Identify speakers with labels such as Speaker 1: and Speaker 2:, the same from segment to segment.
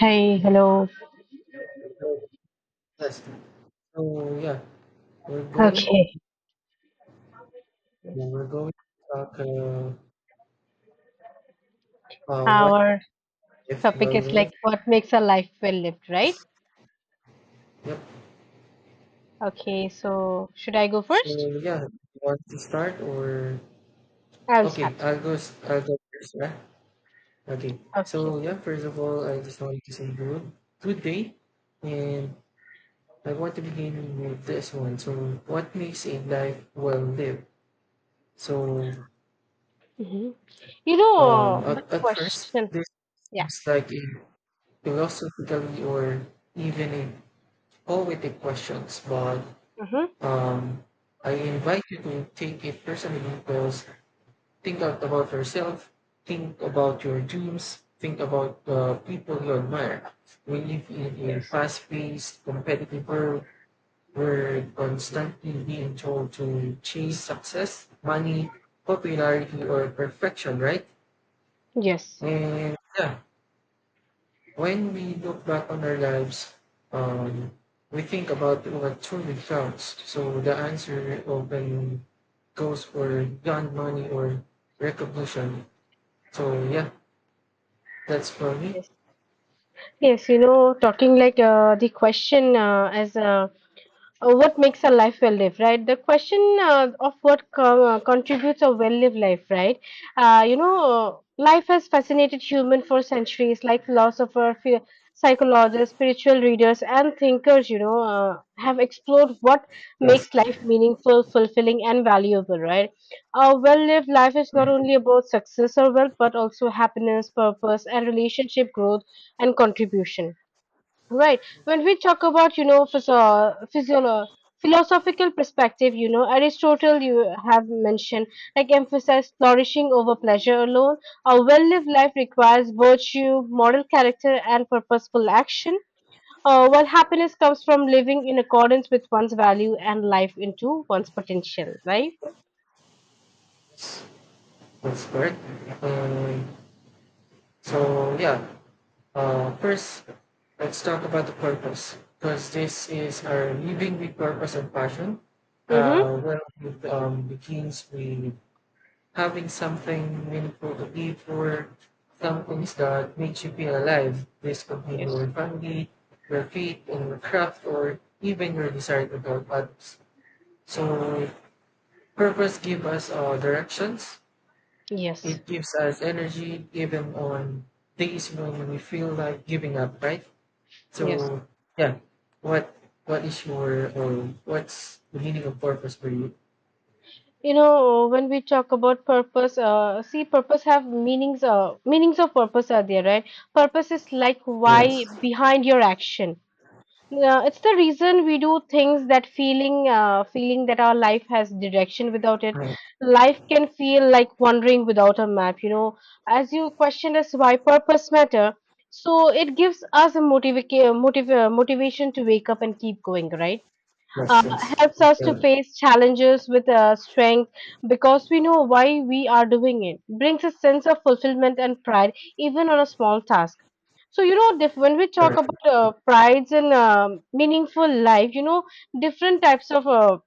Speaker 1: Hi, hello.
Speaker 2: So yes, so yeah, we're going to
Speaker 1: Okay,
Speaker 2: yeah, we're going to talk what
Speaker 1: our
Speaker 2: if
Speaker 1: topic is
Speaker 2: welding.
Speaker 1: like what makes a life well lived, right?
Speaker 2: Yep.
Speaker 1: Okay, so should I go
Speaker 2: So
Speaker 1: first?
Speaker 2: yeah, you want to start or
Speaker 1: I will
Speaker 2: okay?
Speaker 1: start.
Speaker 2: I'll go. I'll go first, right? Okay.
Speaker 1: Okay.
Speaker 2: So yeah, first of all, I just wanted to say good day, and I want to begin with this one. So what makes a life well lived? So
Speaker 1: Hmm. You know,
Speaker 2: at,
Speaker 1: the
Speaker 2: at first,
Speaker 1: question.
Speaker 2: this
Speaker 1: Yeah.
Speaker 2: seems like a philosophically or even a poetic questions, but
Speaker 1: Mm-hmm.
Speaker 2: um, I invite you to take it personally because think out about yourself, think about your dreams, think about the people you admire. We live in
Speaker 1: Yes.
Speaker 2: a fast-paced, competitive world where constantly being told to chase success, money, popularity, or perfection, right?
Speaker 1: Yes.
Speaker 2: And yeah, when we look back on our lives, um, we think about what truly counts. So the answer often goes for gun money or recognition. So yeah, that's for me.
Speaker 1: Yes. Yes. You know, talking like the question as what makes a life well lived, right? The question of what contributes a well lived life, right? Life has fascinated human for centuries like philosophers, psychologists spiritual readers and thinkers have explored what
Speaker 2: Yes,
Speaker 1: makes life meaningful fulfilling and valuable, right? A well lived life is not only about success or wealth but also happiness, purpose, and relationship growth and contribution. Right. When we talk about, physio physiolo philosophical perspective, Aristotle, you have mentioned, like emphasized flourishing over pleasure alone. A well-lived life requires virtue, moral character, and purposeful action, while happiness comes from living in accordance with one's value and life into one's potential, right?
Speaker 2: that's correct. Um, so yeah, first let's talk about the purpose because this is our living with purpose and passion.
Speaker 1: Mm-hmm.
Speaker 2: Well, it begins with having something meaningful to give for some that makes you feel alive. This could be
Speaker 1: Yes.
Speaker 2: your family, your faith in your craft, or even your desire to help others. So purpose gives us directions.
Speaker 1: Yes.
Speaker 2: It gives us energy even on days when we feel like giving up, right?
Speaker 1: Yes.
Speaker 2: So yeah, what what is your or what's the meaning of purpose for you?
Speaker 1: You know, when we talk about purpose, see, purpose have meanings. Meanings of purpose are there, right? Purpose is like why
Speaker 2: Yes,
Speaker 1: behind your action. It's the reason we do things, that feeling, feeling that our life has direction. Without it,
Speaker 2: right.
Speaker 1: life can feel like wandering without a map. You know, as you questioned us why purpose matter, so it gives us a motivation to wake up and keep going, right? uh,
Speaker 2: Yes, yes.
Speaker 1: helps us to
Speaker 2: Yeah.
Speaker 1: face challenges with strength because we know why we are doing it. Brings a sense of fulfillment and pride, even on a small task. So you know, when we talk
Speaker 2: Correct.
Speaker 1: about prides and meaningful life, different types of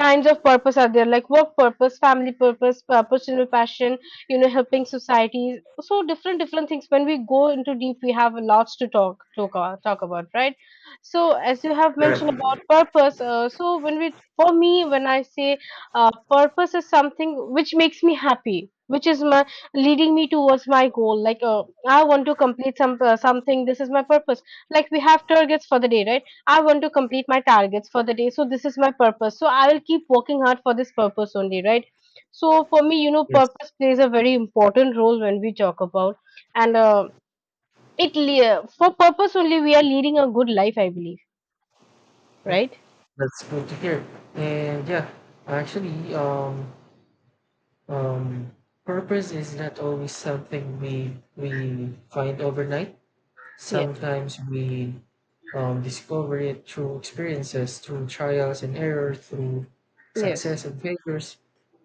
Speaker 1: kinds of purpose are there like work purpose, family purpose, personal passion, helping societies, so different different things when we go into deep we have lots to talk about, right? So as you have mentioned about purpose, so when we, for me when I say purpose is something which makes me happy, which is my leading me towards my goal, like I want to complete something. This is my purpose, like we have targets for the day, right? I want to complete my targets for the day. So this is my purpose. So I will keep working hard for this purpose only, right? So for me, purpose plays a very important role when we talk about, and for purpose only we are leading a good life, I believe, right?
Speaker 2: That's good to hear. And yeah, actually, um, purpose is not always something we find overnight.
Speaker 1: Yes,
Speaker 2: Sometimes we discover it through experiences, through trials and errors, through
Speaker 1: yes,
Speaker 2: success and failures.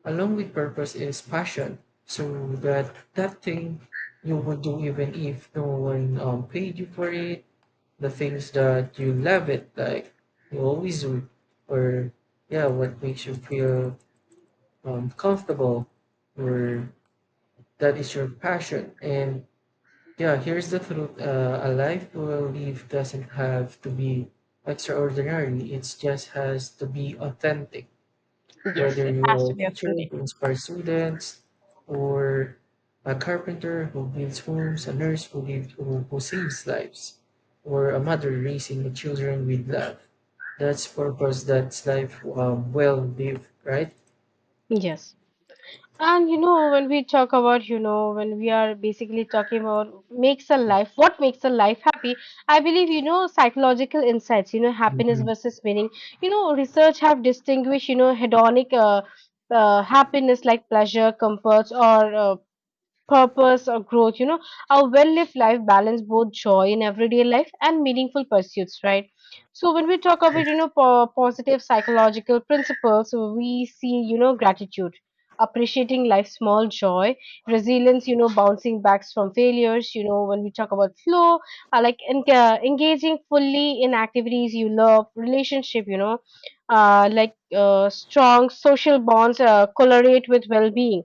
Speaker 2: Along with purpose is passion. So that thing you would do even if no one paid you for it, the things that you love it, like you always would, or yeah, what makes you feel comfortable, or that is your passion. And yeah, here's the truth: a life will live doesn't have to be extraordinary. It just has to be authentic.
Speaker 1: yes.
Speaker 2: Whether
Speaker 1: It
Speaker 2: you
Speaker 1: has
Speaker 2: are a
Speaker 1: to be
Speaker 2: teacher
Speaker 1: authentic.
Speaker 2: who inspires students, or a carpenter who builds homes, a nurse who saves lives, or a mother raising the children with love, that's purpose, that's life well lived, right?
Speaker 1: Yes. And you know, when we talk about, when we are basically talking about makes a life, what makes a life happy, I believe, psychological insights, happiness
Speaker 2: Mhm.
Speaker 1: versus meaning. You know, research have distinguished, hedonic happiness like pleasure, comforts, or purpose or growth, a well-lived life balance both joy in everyday life and meaningful pursuits, right? So when we talk about
Speaker 2: Yes.
Speaker 1: positive psychological principles we see gratitude appreciating life's small joy, resilience, bouncing back from failures, when we talk about flow, engaging fully in activities you love, relationship, strong social bonds correlate with well-being.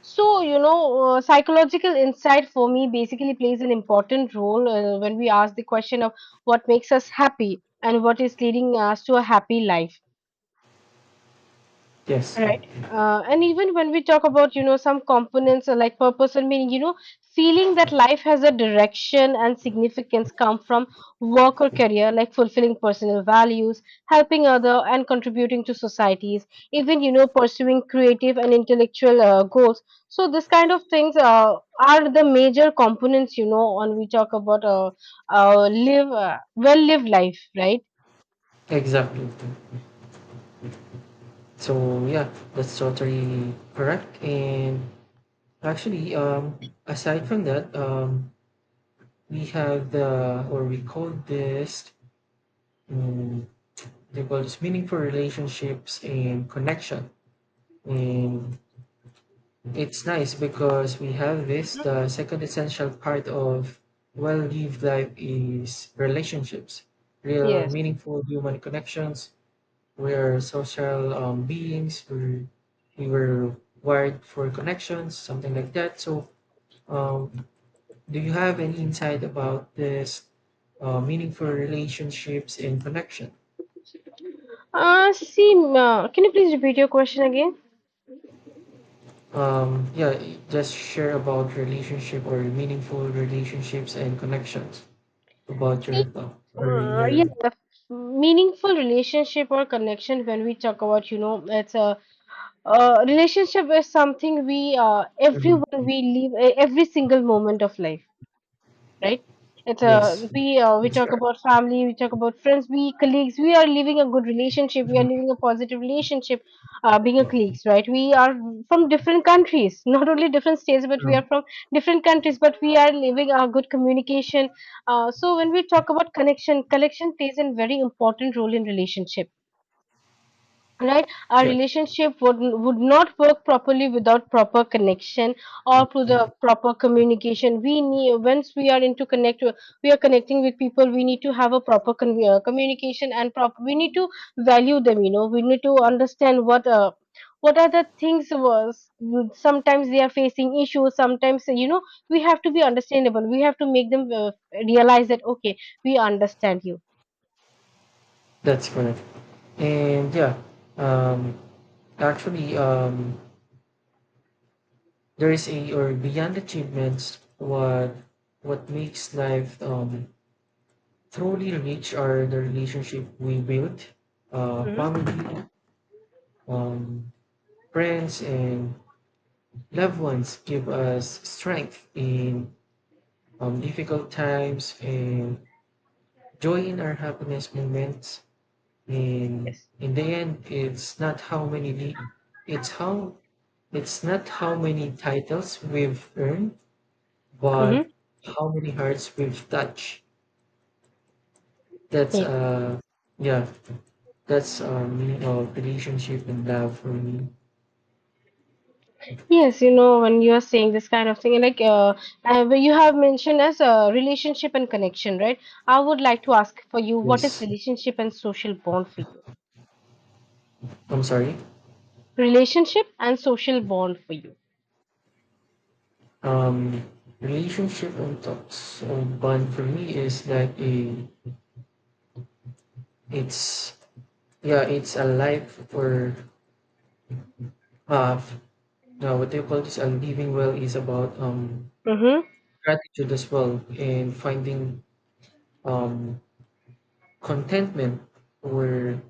Speaker 1: So, psychological insight for me basically plays an important role when we ask the question of what makes us happy and what is leading us to a happy life.
Speaker 2: Yes,
Speaker 1: Right. And even when we talk about, some components like purpose and meaning, feeling that life has a direction and significance come from work or career, like fulfilling personal values, helping other and contributing to societies, even, pursuing creative and intellectual goals. So this kind of things are the major components, on we talk about live well lived life, right?
Speaker 2: exactly. So yeah, that's totally correct. And actually, aside from that, we have the or we call this mm, develops meaningful relationships and connection. And it's nice because we have this. The second essential part of well lived life is relationships, real
Speaker 1: Yes.
Speaker 2: meaningful human connections. We are social beings. We were wired for connections, something like that. So, um, do you have any insight about this meaningful relationships and connection?
Speaker 1: See, can you please repeat your question again?
Speaker 2: Yeah, just share about relationship or meaningful relationships and connections about your thought or in
Speaker 1: Yeah,
Speaker 2: your.
Speaker 1: meaningful relationship or connection when we talk about, it's a relationship is something we, everyone
Speaker 2: Mhm.
Speaker 1: we live every single moment of life, right? It's a
Speaker 2: Yes,
Speaker 1: we
Speaker 2: it's
Speaker 1: talk
Speaker 2: correct.
Speaker 1: about family, we talk about friends, we colleagues. We are living a good relationship. We
Speaker 2: Mhm.
Speaker 1: are living a positive relationship, being a colleagues, right? We are from different countries, not only different states, but we
Speaker 2: Mhm.
Speaker 1: are from different countries. But we are living a good communication. So when we talk about connection, connection plays a very important role in relationship. Right, our
Speaker 2: Yes,
Speaker 1: relationship would not work properly without proper connection or through the proper communication. We need, once we are into connect, we are connecting with people. We need to have a proper communication and proper. We need to value them. You know, we need to understand what. What are the things was, sometimes they are facing issues, sometimes we have to be understandable, we have to make them realize that okay we understand you.
Speaker 2: that's correct. And yeah, um actually, there is a or beyond achievements, what makes life truly rich are the relationship we build,
Speaker 1: Hmm.
Speaker 2: family, um friends, and loved ones give us strength in difficult times and joy in our happiness moments. And
Speaker 1: Yes.
Speaker 2: in the end, it's how it's not how many titles we've earned, but
Speaker 1: Hmm.
Speaker 2: how many hearts we've touched. That's yeah, that's meaning of relationship and love for me.
Speaker 1: Yes, you know, when you are saying this kind of thing, like you have mentioned as a relationship and connection, right? I would like to ask for you, what is
Speaker 2: Yes,
Speaker 1: relationship and social bond for you?
Speaker 2: I'm sorry.
Speaker 1: Relationship and social bond for you.
Speaker 2: Um, Relationship and talks or bond for me is like It's yeah, it's a life for uh now what do you call this? A living well is about
Speaker 1: Mm-hmm.
Speaker 2: gratitude as well and finding um contentment or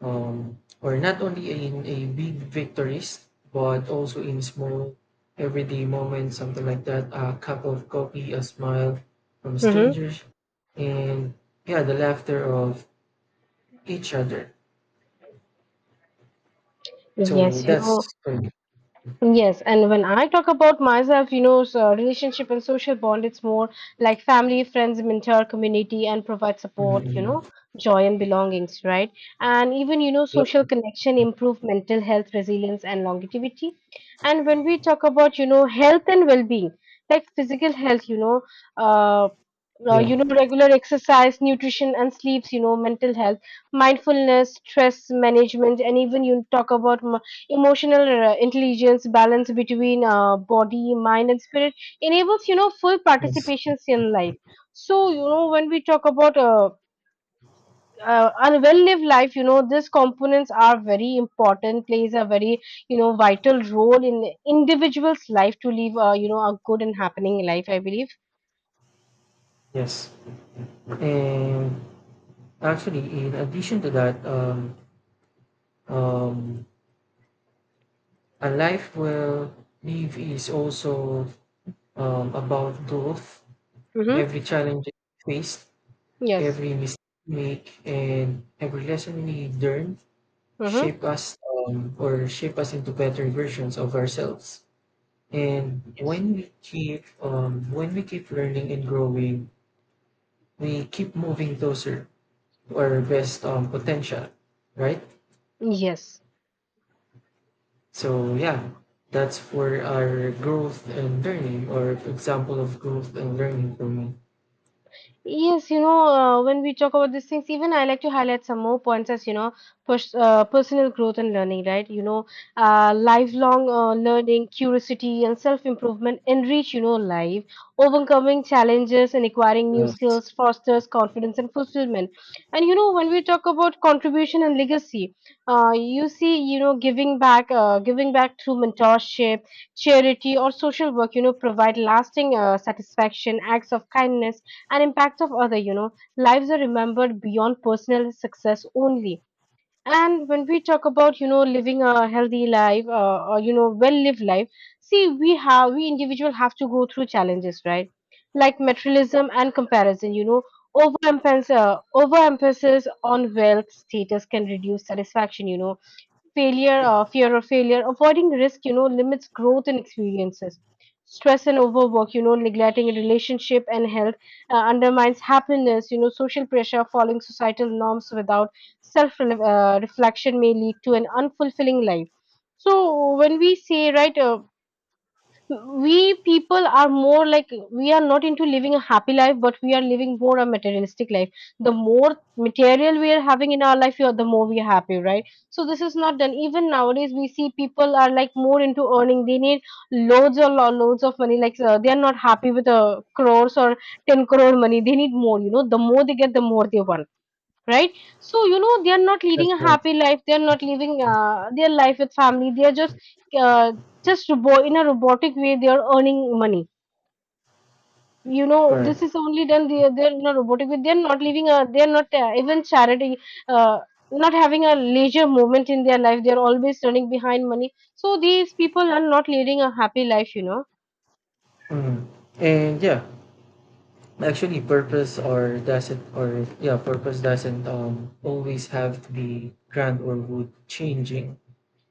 Speaker 2: um or not only in a big victories but also in small everyday moments, something like that. A cup of coffee, a smile from
Speaker 1: Mm-hmm.
Speaker 2: strangers, and yeah, the laughter of each other. So
Speaker 1: Yes, you
Speaker 2: that's
Speaker 1: know,
Speaker 2: for.
Speaker 1: Yes, and when I talk about myself, so relationship and social bond, it's more like family, friends, mentor, community, and provide support,
Speaker 2: Mhm.
Speaker 1: joy and belongings, right? And even,
Speaker 2: Yep.
Speaker 1: social connection improve mental health, resilience, and longevity. And when we talk about, health and well-being, like physical health, uh,
Speaker 2: Yeah.
Speaker 1: regular exercise, nutrition, and sleeps, mental health, mindfulness, stress management, and even you talk about emotional intelligence balance between body, mind, and spirit enables full
Speaker 2: Yes.
Speaker 1: participations in life. So when we talk about a well lived life, these components are very important, plays a very vital role in individual's life to live a good and happening life I believe.
Speaker 2: Yes, and actually, in addition to that, um, a life well lived is also about growth.
Speaker 1: Mm-hmm.
Speaker 2: Every challenge we faced,
Speaker 1: Yes.
Speaker 2: every mistake we make, and every lesson we learn
Speaker 1: Mm-hmm.
Speaker 2: shape us shape us into better versions of ourselves. And
Speaker 1: Yes.
Speaker 2: when we keep learning and growing, we keep moving closer to our best potential, right?
Speaker 1: Yes.
Speaker 2: So yeah, that's for our growth and learning, or example of growth and learning for me.
Speaker 1: Yes, when we talk about these things, even I like to highlight some more points as, personal growth and learning, right? Lifelong learning, curiosity, and self-improvement enrich, life. Overcoming challenges and acquiring new
Speaker 2: Yes,
Speaker 1: skills fosters confidence and fulfillment. And, when we talk about contribution and legacy, you see, giving back through mentorship, charity, or social work, provide lasting satisfaction, acts of kindness and impacts of other lives are remembered beyond personal success only. And when we talk about living a healthy life or well lived life, see we have, we individual have to go through challenges, right? Like materialism and comparison, overemphasis on wealth status can reduce satisfaction, failure fear of failure avoiding risk, limits growth and experiences, stress and overwork, neglecting relationship and health undermines happiness, social pressure following societal norms without self reflection may lead to an unfulfilling life. So when we say right, we people are more like we are not into living a happy life but we are living more a materialistic life. The more material we are having in our life, the more we are happy, right? So this is not done, even nowadays we see people are like more into earning, they need loads or loads of money, like they are not happy with a crores or 10 crore money, they need more. The more they get the more they want, right? So they are not
Speaker 2: that's
Speaker 1: leading a
Speaker 2: right.
Speaker 1: happy life, they are not living their life with family, they are just uh, in a robotic way they are earning money. This is
Speaker 2: Correct.
Speaker 1: only done, they are in a robotic way, they are not even charity, uh, not having a leisure moment in their life, they are always running behind money, so these people are not leading a happy life. You know
Speaker 2: Mm. And yeah, actually, purpose or doesn't, or yeah, purpose doesn't always have to be grand or would changing.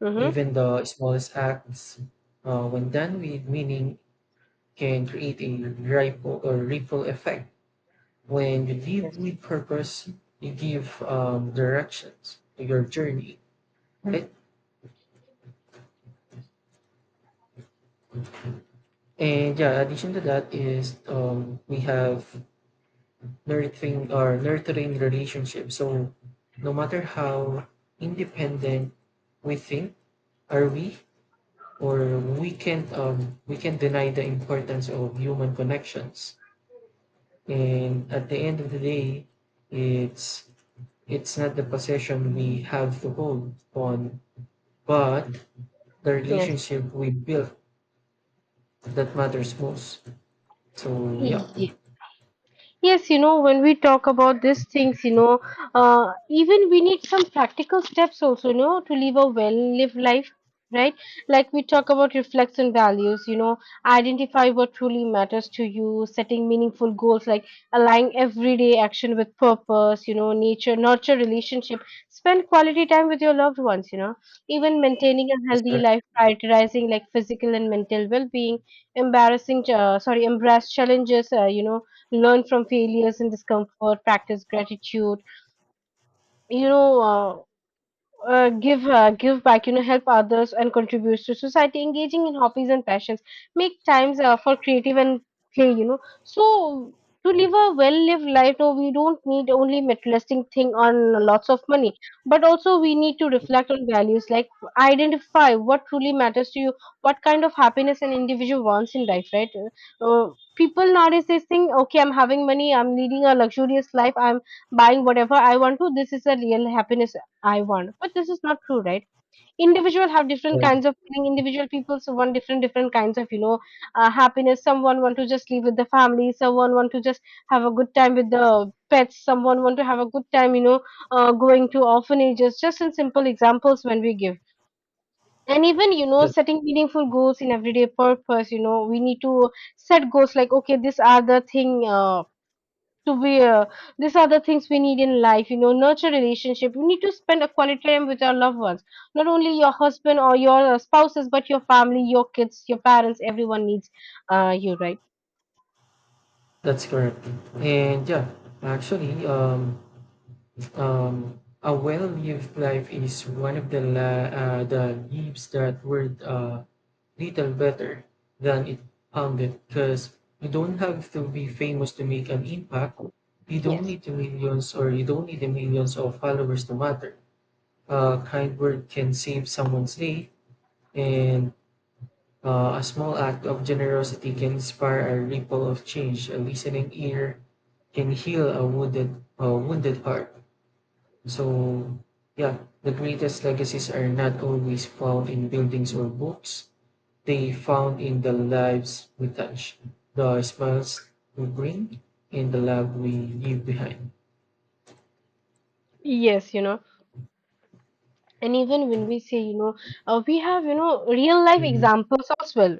Speaker 1: mm-hmm.
Speaker 2: Even the smallest acts, when done with meaning, can create a ripple effect. When you live with purpose, you give directions to your journey, right? And yeah, addition to that is we have nurturing relationships. So no matter how independent we think are we, or we can't we can not deny the importance of human connections. And at the end of the day, it's it's not the possession we have to hold on, but the
Speaker 1: Yes.
Speaker 2: relationship we built that matters most. So yeah.
Speaker 1: Yes. Yes, you know, when we talk about these things, even we need some practical steps also, to live a well-lived life, right? Like we talk about reflects and values, identify what truly matters to you, setting meaningful goals, like aligning everyday action with purpose, nature, nurture relationship, spend quality time with your loved ones, even maintaining a
Speaker 2: That's
Speaker 1: healthy
Speaker 2: correct.
Speaker 1: life, prioritizing like physical and mental well-being, embrace challenges, learn from failures and discomfort, practice gratitude. you know uh, Give back, help others and contributes to society, engaging in hobbies and passions. Make times for creative and play, so to live a well lived life, no, we don't need only materialistic thing on lots of money, but also we need to reflect on values like identify what truly matters to you, what kind of happiness an individual wants in life, right? uh, People nowadays, they think, okay, I'm having money, I'm leading a luxurious life, I'm buying whatever I want to, this is a real happiness I want. But this is not true, right? Individual have different
Speaker 2: uh,
Speaker 1: kinds of feeling. Individual people so want different different kinds of, happiness. Someone want to just live with the family. Someone want to just have a good time with the pets. Someone want to have a good time, going to orphanages. Just in simple examples when we give. And even
Speaker 2: yes,
Speaker 1: setting meaningful goals in everyday purpose. You know we need to set goals like, okay, these are the thing. To wear. These are the things we need in life, nurture relationship. You need to spend a quality time with your loved ones, not only your husband or your spouses, but your family, your kids, your parents, everyone needs you, right?
Speaker 2: that's correct. And yeah, actually, a well-lived life is one of the lives that were little better than it sounded, because you don't have to be famous to make an impact. You don't
Speaker 1: Yes.
Speaker 2: need the millions or you don't need the millions of followers to matter. A kind word can save someone's day, and a small act of generosity can inspire a ripple of change. A listening ear can heal a wounded heart. So, yeah, the greatest legacies are not always found in buildings or books. They found in the lives we touch, the smiles we bring, and the love we leave behind.
Speaker 1: Yes, And even when we say, we have, real life
Speaker 2: Mhm.
Speaker 1: examples as well,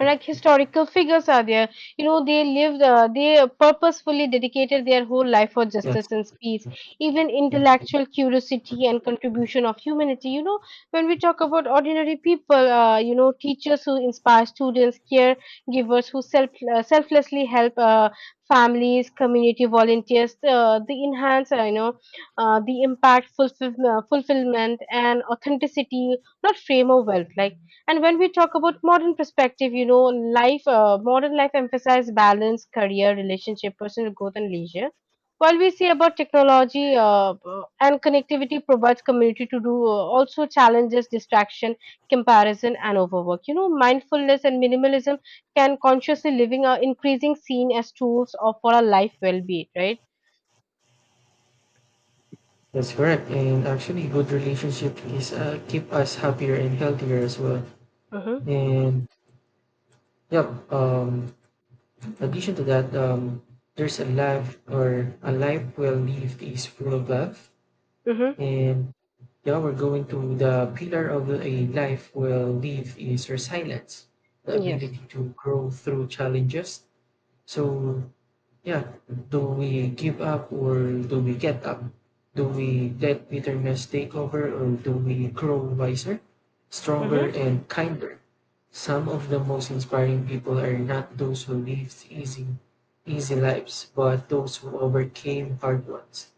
Speaker 1: like historical figures are there. They lived, they purposefully dedicated their whole life for
Speaker 2: Yes,
Speaker 1: justice and peace, even intellectual curiosity and contribution of humanity. When we talk about ordinary people, teachers who inspire students, caregivers who selflessly help families, community volunteers, the enhance, the impact, fulfillment and authenticity, not frame of wealth, like. And when we talk about modern perspective, life, modern life emphasizes balance, career, relationship, personal growth, and leisure. While we say about technology and connectivity provides community to do, also challenges distraction, comparison, and overwork. You know, mindfulness and minimalism can consciously living are increasing seen as tools of for our life well-being, right?
Speaker 2: that's correct. And actually, good relationship is keep us happier and healthier as well.
Speaker 1: Mm-hmm.
Speaker 2: And yep, um, addition to that, there's a life, or a life well lived is full of love.
Speaker 1: Mm-hmm.
Speaker 2: And yeah, we're going to the pillar of a life well lived is resilience, the
Speaker 1: Yes.
Speaker 2: ability to grow through challenges. So yeah, do we give up or do we get up? Do we let bitterness take over or do we grow wiser, stronger,
Speaker 1: Mm-hmm.
Speaker 2: and kinder? Some of the most inspiring people are not those who lived easy lives, but those who overcame hard ones.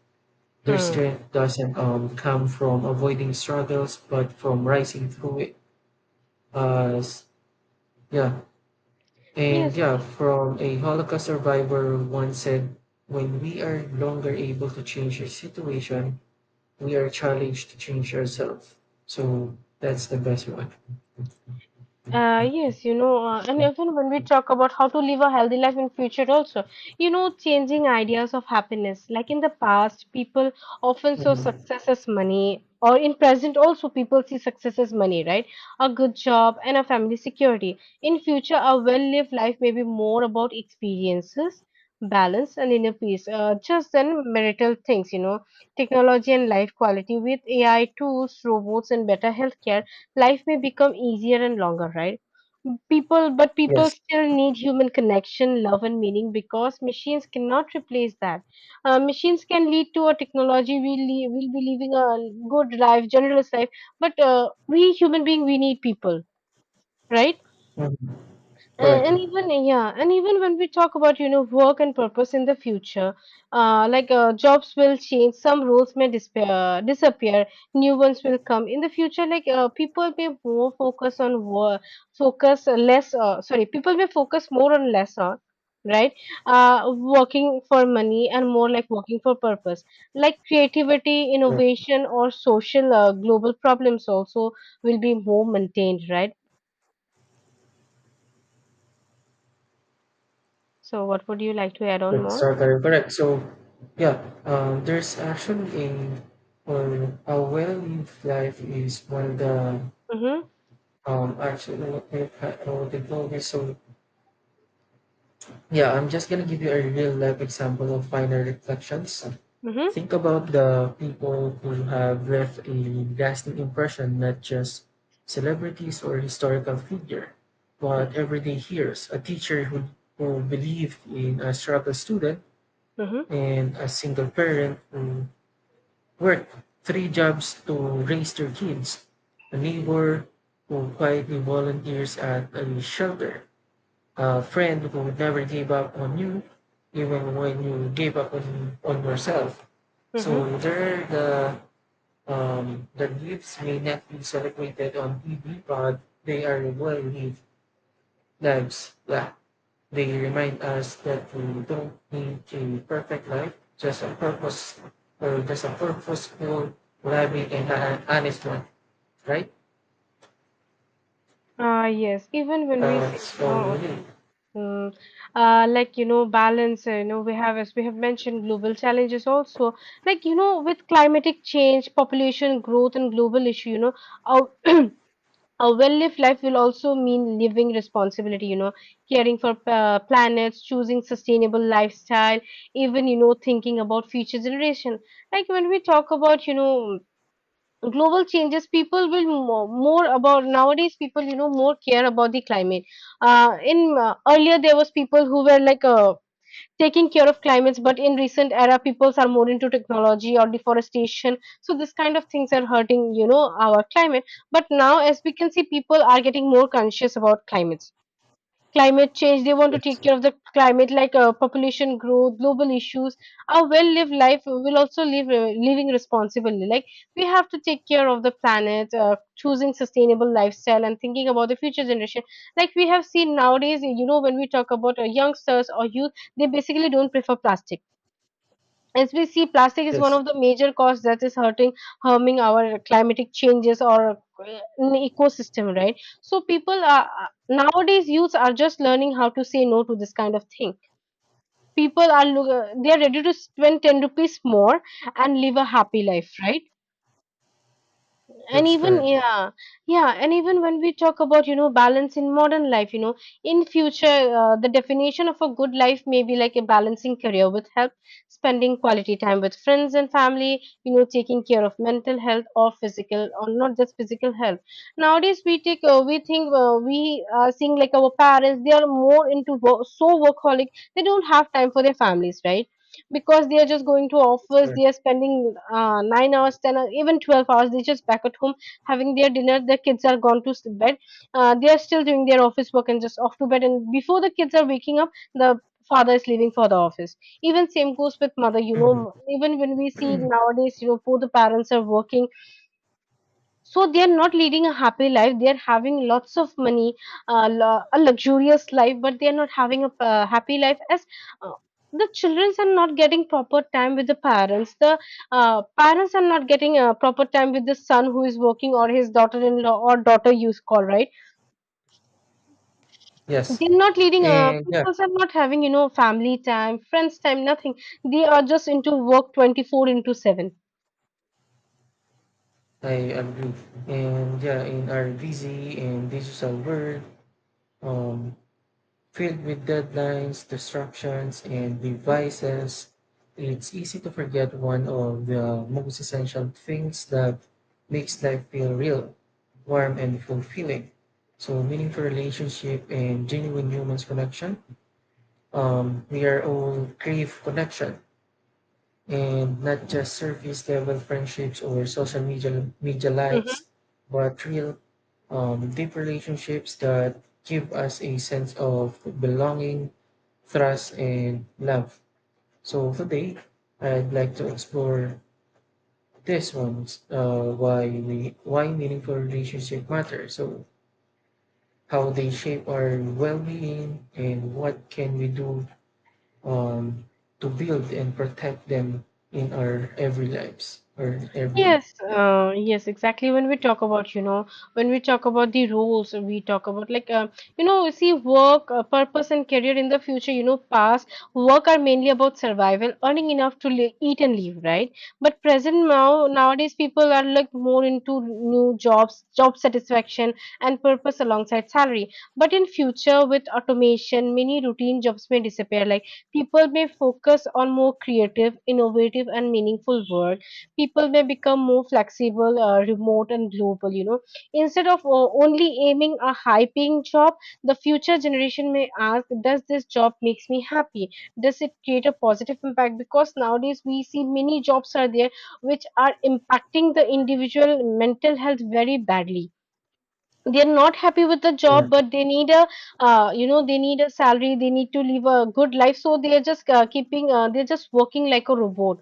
Speaker 2: Their
Speaker 1: Hmm.
Speaker 2: strength doesn't come from avoiding struggles, but from rising through it. As yeah, and
Speaker 1: Yes.
Speaker 2: yeah, From a Holocaust survivor once said, "When we are no longer able to change our situation, we are challenged to change ourselves." So that's the best one.
Speaker 1: Yes, and even when we talk about how to live a healthy life in future also, changing ideas of happiness. Like in the past, people often saw
Speaker 2: Mhm.
Speaker 1: success as money, or in present also people see success as money, right? A good job and a family security. In future, a well-lived life may be more about experiences, balance, and inner peace. Just than marital things, technology and life quality with AI tools, robots, and better healthcare, life may become easier and longer, right? People but people
Speaker 2: Yes.
Speaker 1: still need human connection, love and meaning, because machines cannot replace that. Machines can lead to a technology, we will be living a good life, generous life, but we human being, we need people, right?
Speaker 2: Mhm.
Speaker 1: and,
Speaker 2: Correct.
Speaker 1: and even, yeah, and even when we talk about work and purpose in the future, like, jobs will change, some roles may disappear, new ones will come in the future. Like people may more focus on work, focus less. Sorry, people may focus more on less on, right. uh Working for money and more like working for purpose, like creativity, innovation, or social, global problems also will be more maintained, right? So what would you like to add on
Speaker 2: That's
Speaker 1: more?
Speaker 2: not very correct. So, yeah, there's actually a or a well-lived life is one of the
Speaker 1: Mm-hmm.
Speaker 2: actually what they call this. So, yeah, I'm just gonna give you a real life example of minor reflections.
Speaker 1: Mm-hmm.
Speaker 2: Think about the people who have left a lasting impression, not just celebrities or historical figure, but
Speaker 1: Yes.
Speaker 2: everyday heroes. A teacher who believed in a struggle student,
Speaker 1: Mm-hmm.
Speaker 2: and a single parent who worked three jobs to raise their kids. A neighbor who quietly volunteers at a shelter. A friend who never gave up on you, even when you gave up on yourself.
Speaker 1: Mm-hmm.
Speaker 2: So the gifts may not be celebrated on TV, but they are well-lived lives. Yeah. They remind us that we don't need a perfect life, just a purposeful, loving, and an honest one, right?
Speaker 1: Yes. Even when we say,
Speaker 2: So really,
Speaker 1: mm, like, balance, we have, as we have mentioned, global challenges also, like, with climatic change, population growth, and global issue, our, a well-lived life will also mean living responsibility, caring for planets, choosing sustainable lifestyle, even, thinking about future generation. Like when we talk about, global changes, people will more about, nowadays people, more care about the climate. In Earlier there was people who were like, taking care of climates, but in recent era peoples are more into technology or deforestation, so this kind of things are hurting, our climate. But now as we can see, people are getting more conscious about climate change, they want to
Speaker 2: yes,
Speaker 1: take care of the climate, like, population growth, global issues. A well lived life will also live living responsibly, like we have to take care of the planet, choosing sustainable lifestyle and thinking about the future generation. Like we have seen nowadays, when we talk about youngsters or youth, they basically don't prefer plastic. As we see, plastic is one
Speaker 2: yes,
Speaker 1: of the major causes that is hurting, harming our climatic changes or an ecosystem, right? So people are, nowadays youths are just learning how to say no to this kind of thing. People are they are ready to spend 10 rupees more and live a happy life, right? and
Speaker 2: that's
Speaker 1: even
Speaker 2: correct.
Speaker 1: yeah yeah, and even when we talk about balance in modern life, in future, the definition of a good life may be like a balancing career with help, spending quality time with friends and family, taking care of mental health or physical, or not just physical health. Nowadays we take we think, we are seeing like our parents, they are more into work, so workaholic, they don't have time for their families, right? Because they are just going to
Speaker 2: That's
Speaker 1: office,
Speaker 2: correct.
Speaker 1: they are spending 9 hours, 10 hours, even 12 hours, they're just back at home having their dinner, their kids are gone to bed, they are still doing their office work and just off to bed, and before the kids are waking up, the father is leaving for the office. Even same goes with mother,
Speaker 2: Mhm.
Speaker 1: even when we see nowadays, both the parents are working, so they are not leading a happy life. They are having lots of money, a luxurious life, but they are not having a happy life, as uh, the children are not getting proper time with the parents, the parents are not getting proper time with the son who is working or his daughter-in-law or daughter you call, right?
Speaker 2: Yes,
Speaker 1: They're not leading,
Speaker 2: and
Speaker 1: people
Speaker 2: yeah,
Speaker 1: are not having, family time, friends time, nothing. They are just into work, 24 into 7.
Speaker 2: I agree. And yeah, in our busy and digital world, um, filled with deadlines, distractions, and devices, it's easy to forget one of the most essential things that makes life feel real, warm, and fulfilling. So, meaningful relationship and genuine human connection. We are all crave connection, and not just surface level friendships or social media likes,
Speaker 1: Mm-hmm.
Speaker 2: but real deep relationships that give us a sense of belonging, trust, and love. So today, I'd like to explore this one: why meaningful relationship matter. So how they shape our well-being, and what can we do um, to build and protect them in our every lives or every.
Speaker 1: Yes,
Speaker 2: Yep.
Speaker 1: yes, exactly. When we talk about, when we talk about the roles, we talk about like, see, work, purpose, and career in the future, past work are mainly about survival, earning enough to li eat and live, right? But present now, nowadays, people are like more into new jobs, job satisfaction, and purpose alongside salary. But in future, with automation, many routine jobs may disappear. Like people may focus on more creative, innovative, and meaningful work. People may become more flexible, remote, and global. You know, instead of only aiming a high-paying job, the future generation may ask, "Does this job makes me happy? Does it create a positive impact?" Because nowadays we see many jobs are there which are impacting the individual mental health very badly. They are not happy with the
Speaker 2: Yeah.
Speaker 1: job, but they need a, they need a salary. They need to live a good life, so they are just they're just working like a robot.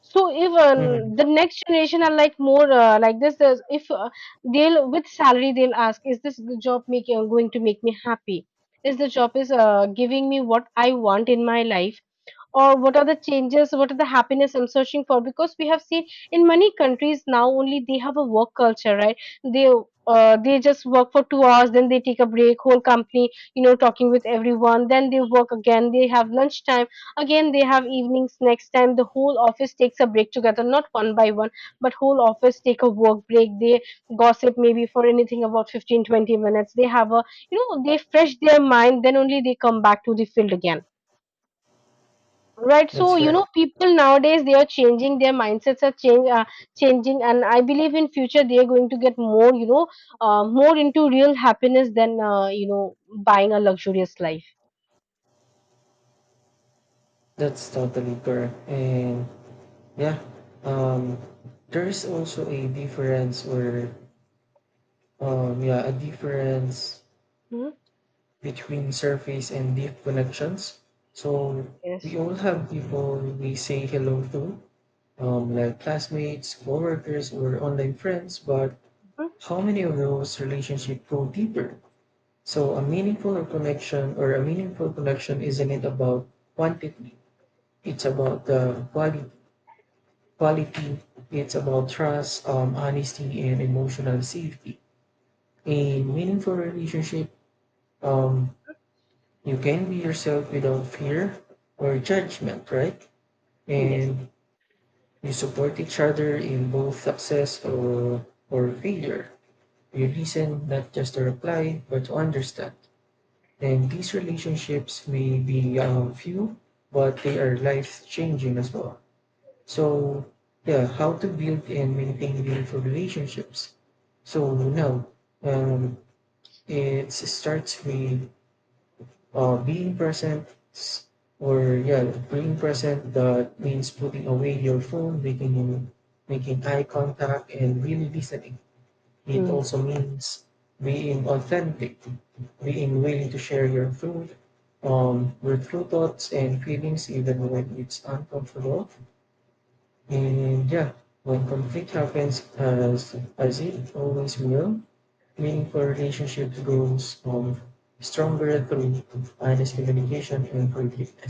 Speaker 1: So even
Speaker 2: Hmm.
Speaker 1: the next generation are like more like this. There's, if they'll with salary, they'll ask, "Is this job making going to make me happy? Is the job is giving me what I want in my life?" Or what are the changes, what are the happiness I'm searching for? Because we have seen in many countries now, only they have a work culture, right? They, they just work for 2 hours, then they take a break, whole company, talking with everyone, then they work again, they have lunch time, again they have evenings, next time the whole office takes a break together, not one by one, but whole office take a work break. They gossip maybe for anything about 15-20 minutes, they have a, they fresh their mind, then only they come back to the field again. Right,
Speaker 2: That's
Speaker 1: so
Speaker 2: correct.
Speaker 1: people nowadays they are changing their mindsets are change changing, and I believe in future they are going to get more, more into real happiness than, buying a luxurious life.
Speaker 2: That's totally correct. And yeah, um there is also a difference
Speaker 1: Hmm?
Speaker 2: between surface and deep connections. So
Speaker 1: Yes.
Speaker 2: we all have people we say hello to, like classmates, coworkers, or online friends. But
Speaker 1: Mhm.
Speaker 2: how many of those relationships go deeper? So a meaningful connection isn't it about quantity? It's about the quality. Quality. It's about trust, honesty, and emotional safety. A meaningful relationship, um, you can be yourself without fear or judgment, right?
Speaker 1: Yes.
Speaker 2: And you support each other in both success or failure. You listen not just to reply, but to understand. And these relationships may be few, but they are life changing as well. So, yeah, how to build and maintain meaningful relationships. So, now um, it starts with being present s- or yeah being present. That means putting away your phone, making eye contact, and really listening. It
Speaker 1: Hmm.
Speaker 2: also means being authentic, being willing to share your truth, your true thoughts and feelings, even when it's uncomfortable. And yeah, when conflict happens, as it always will, meaningful relationships grow from stronger through honest communication and forgiveness.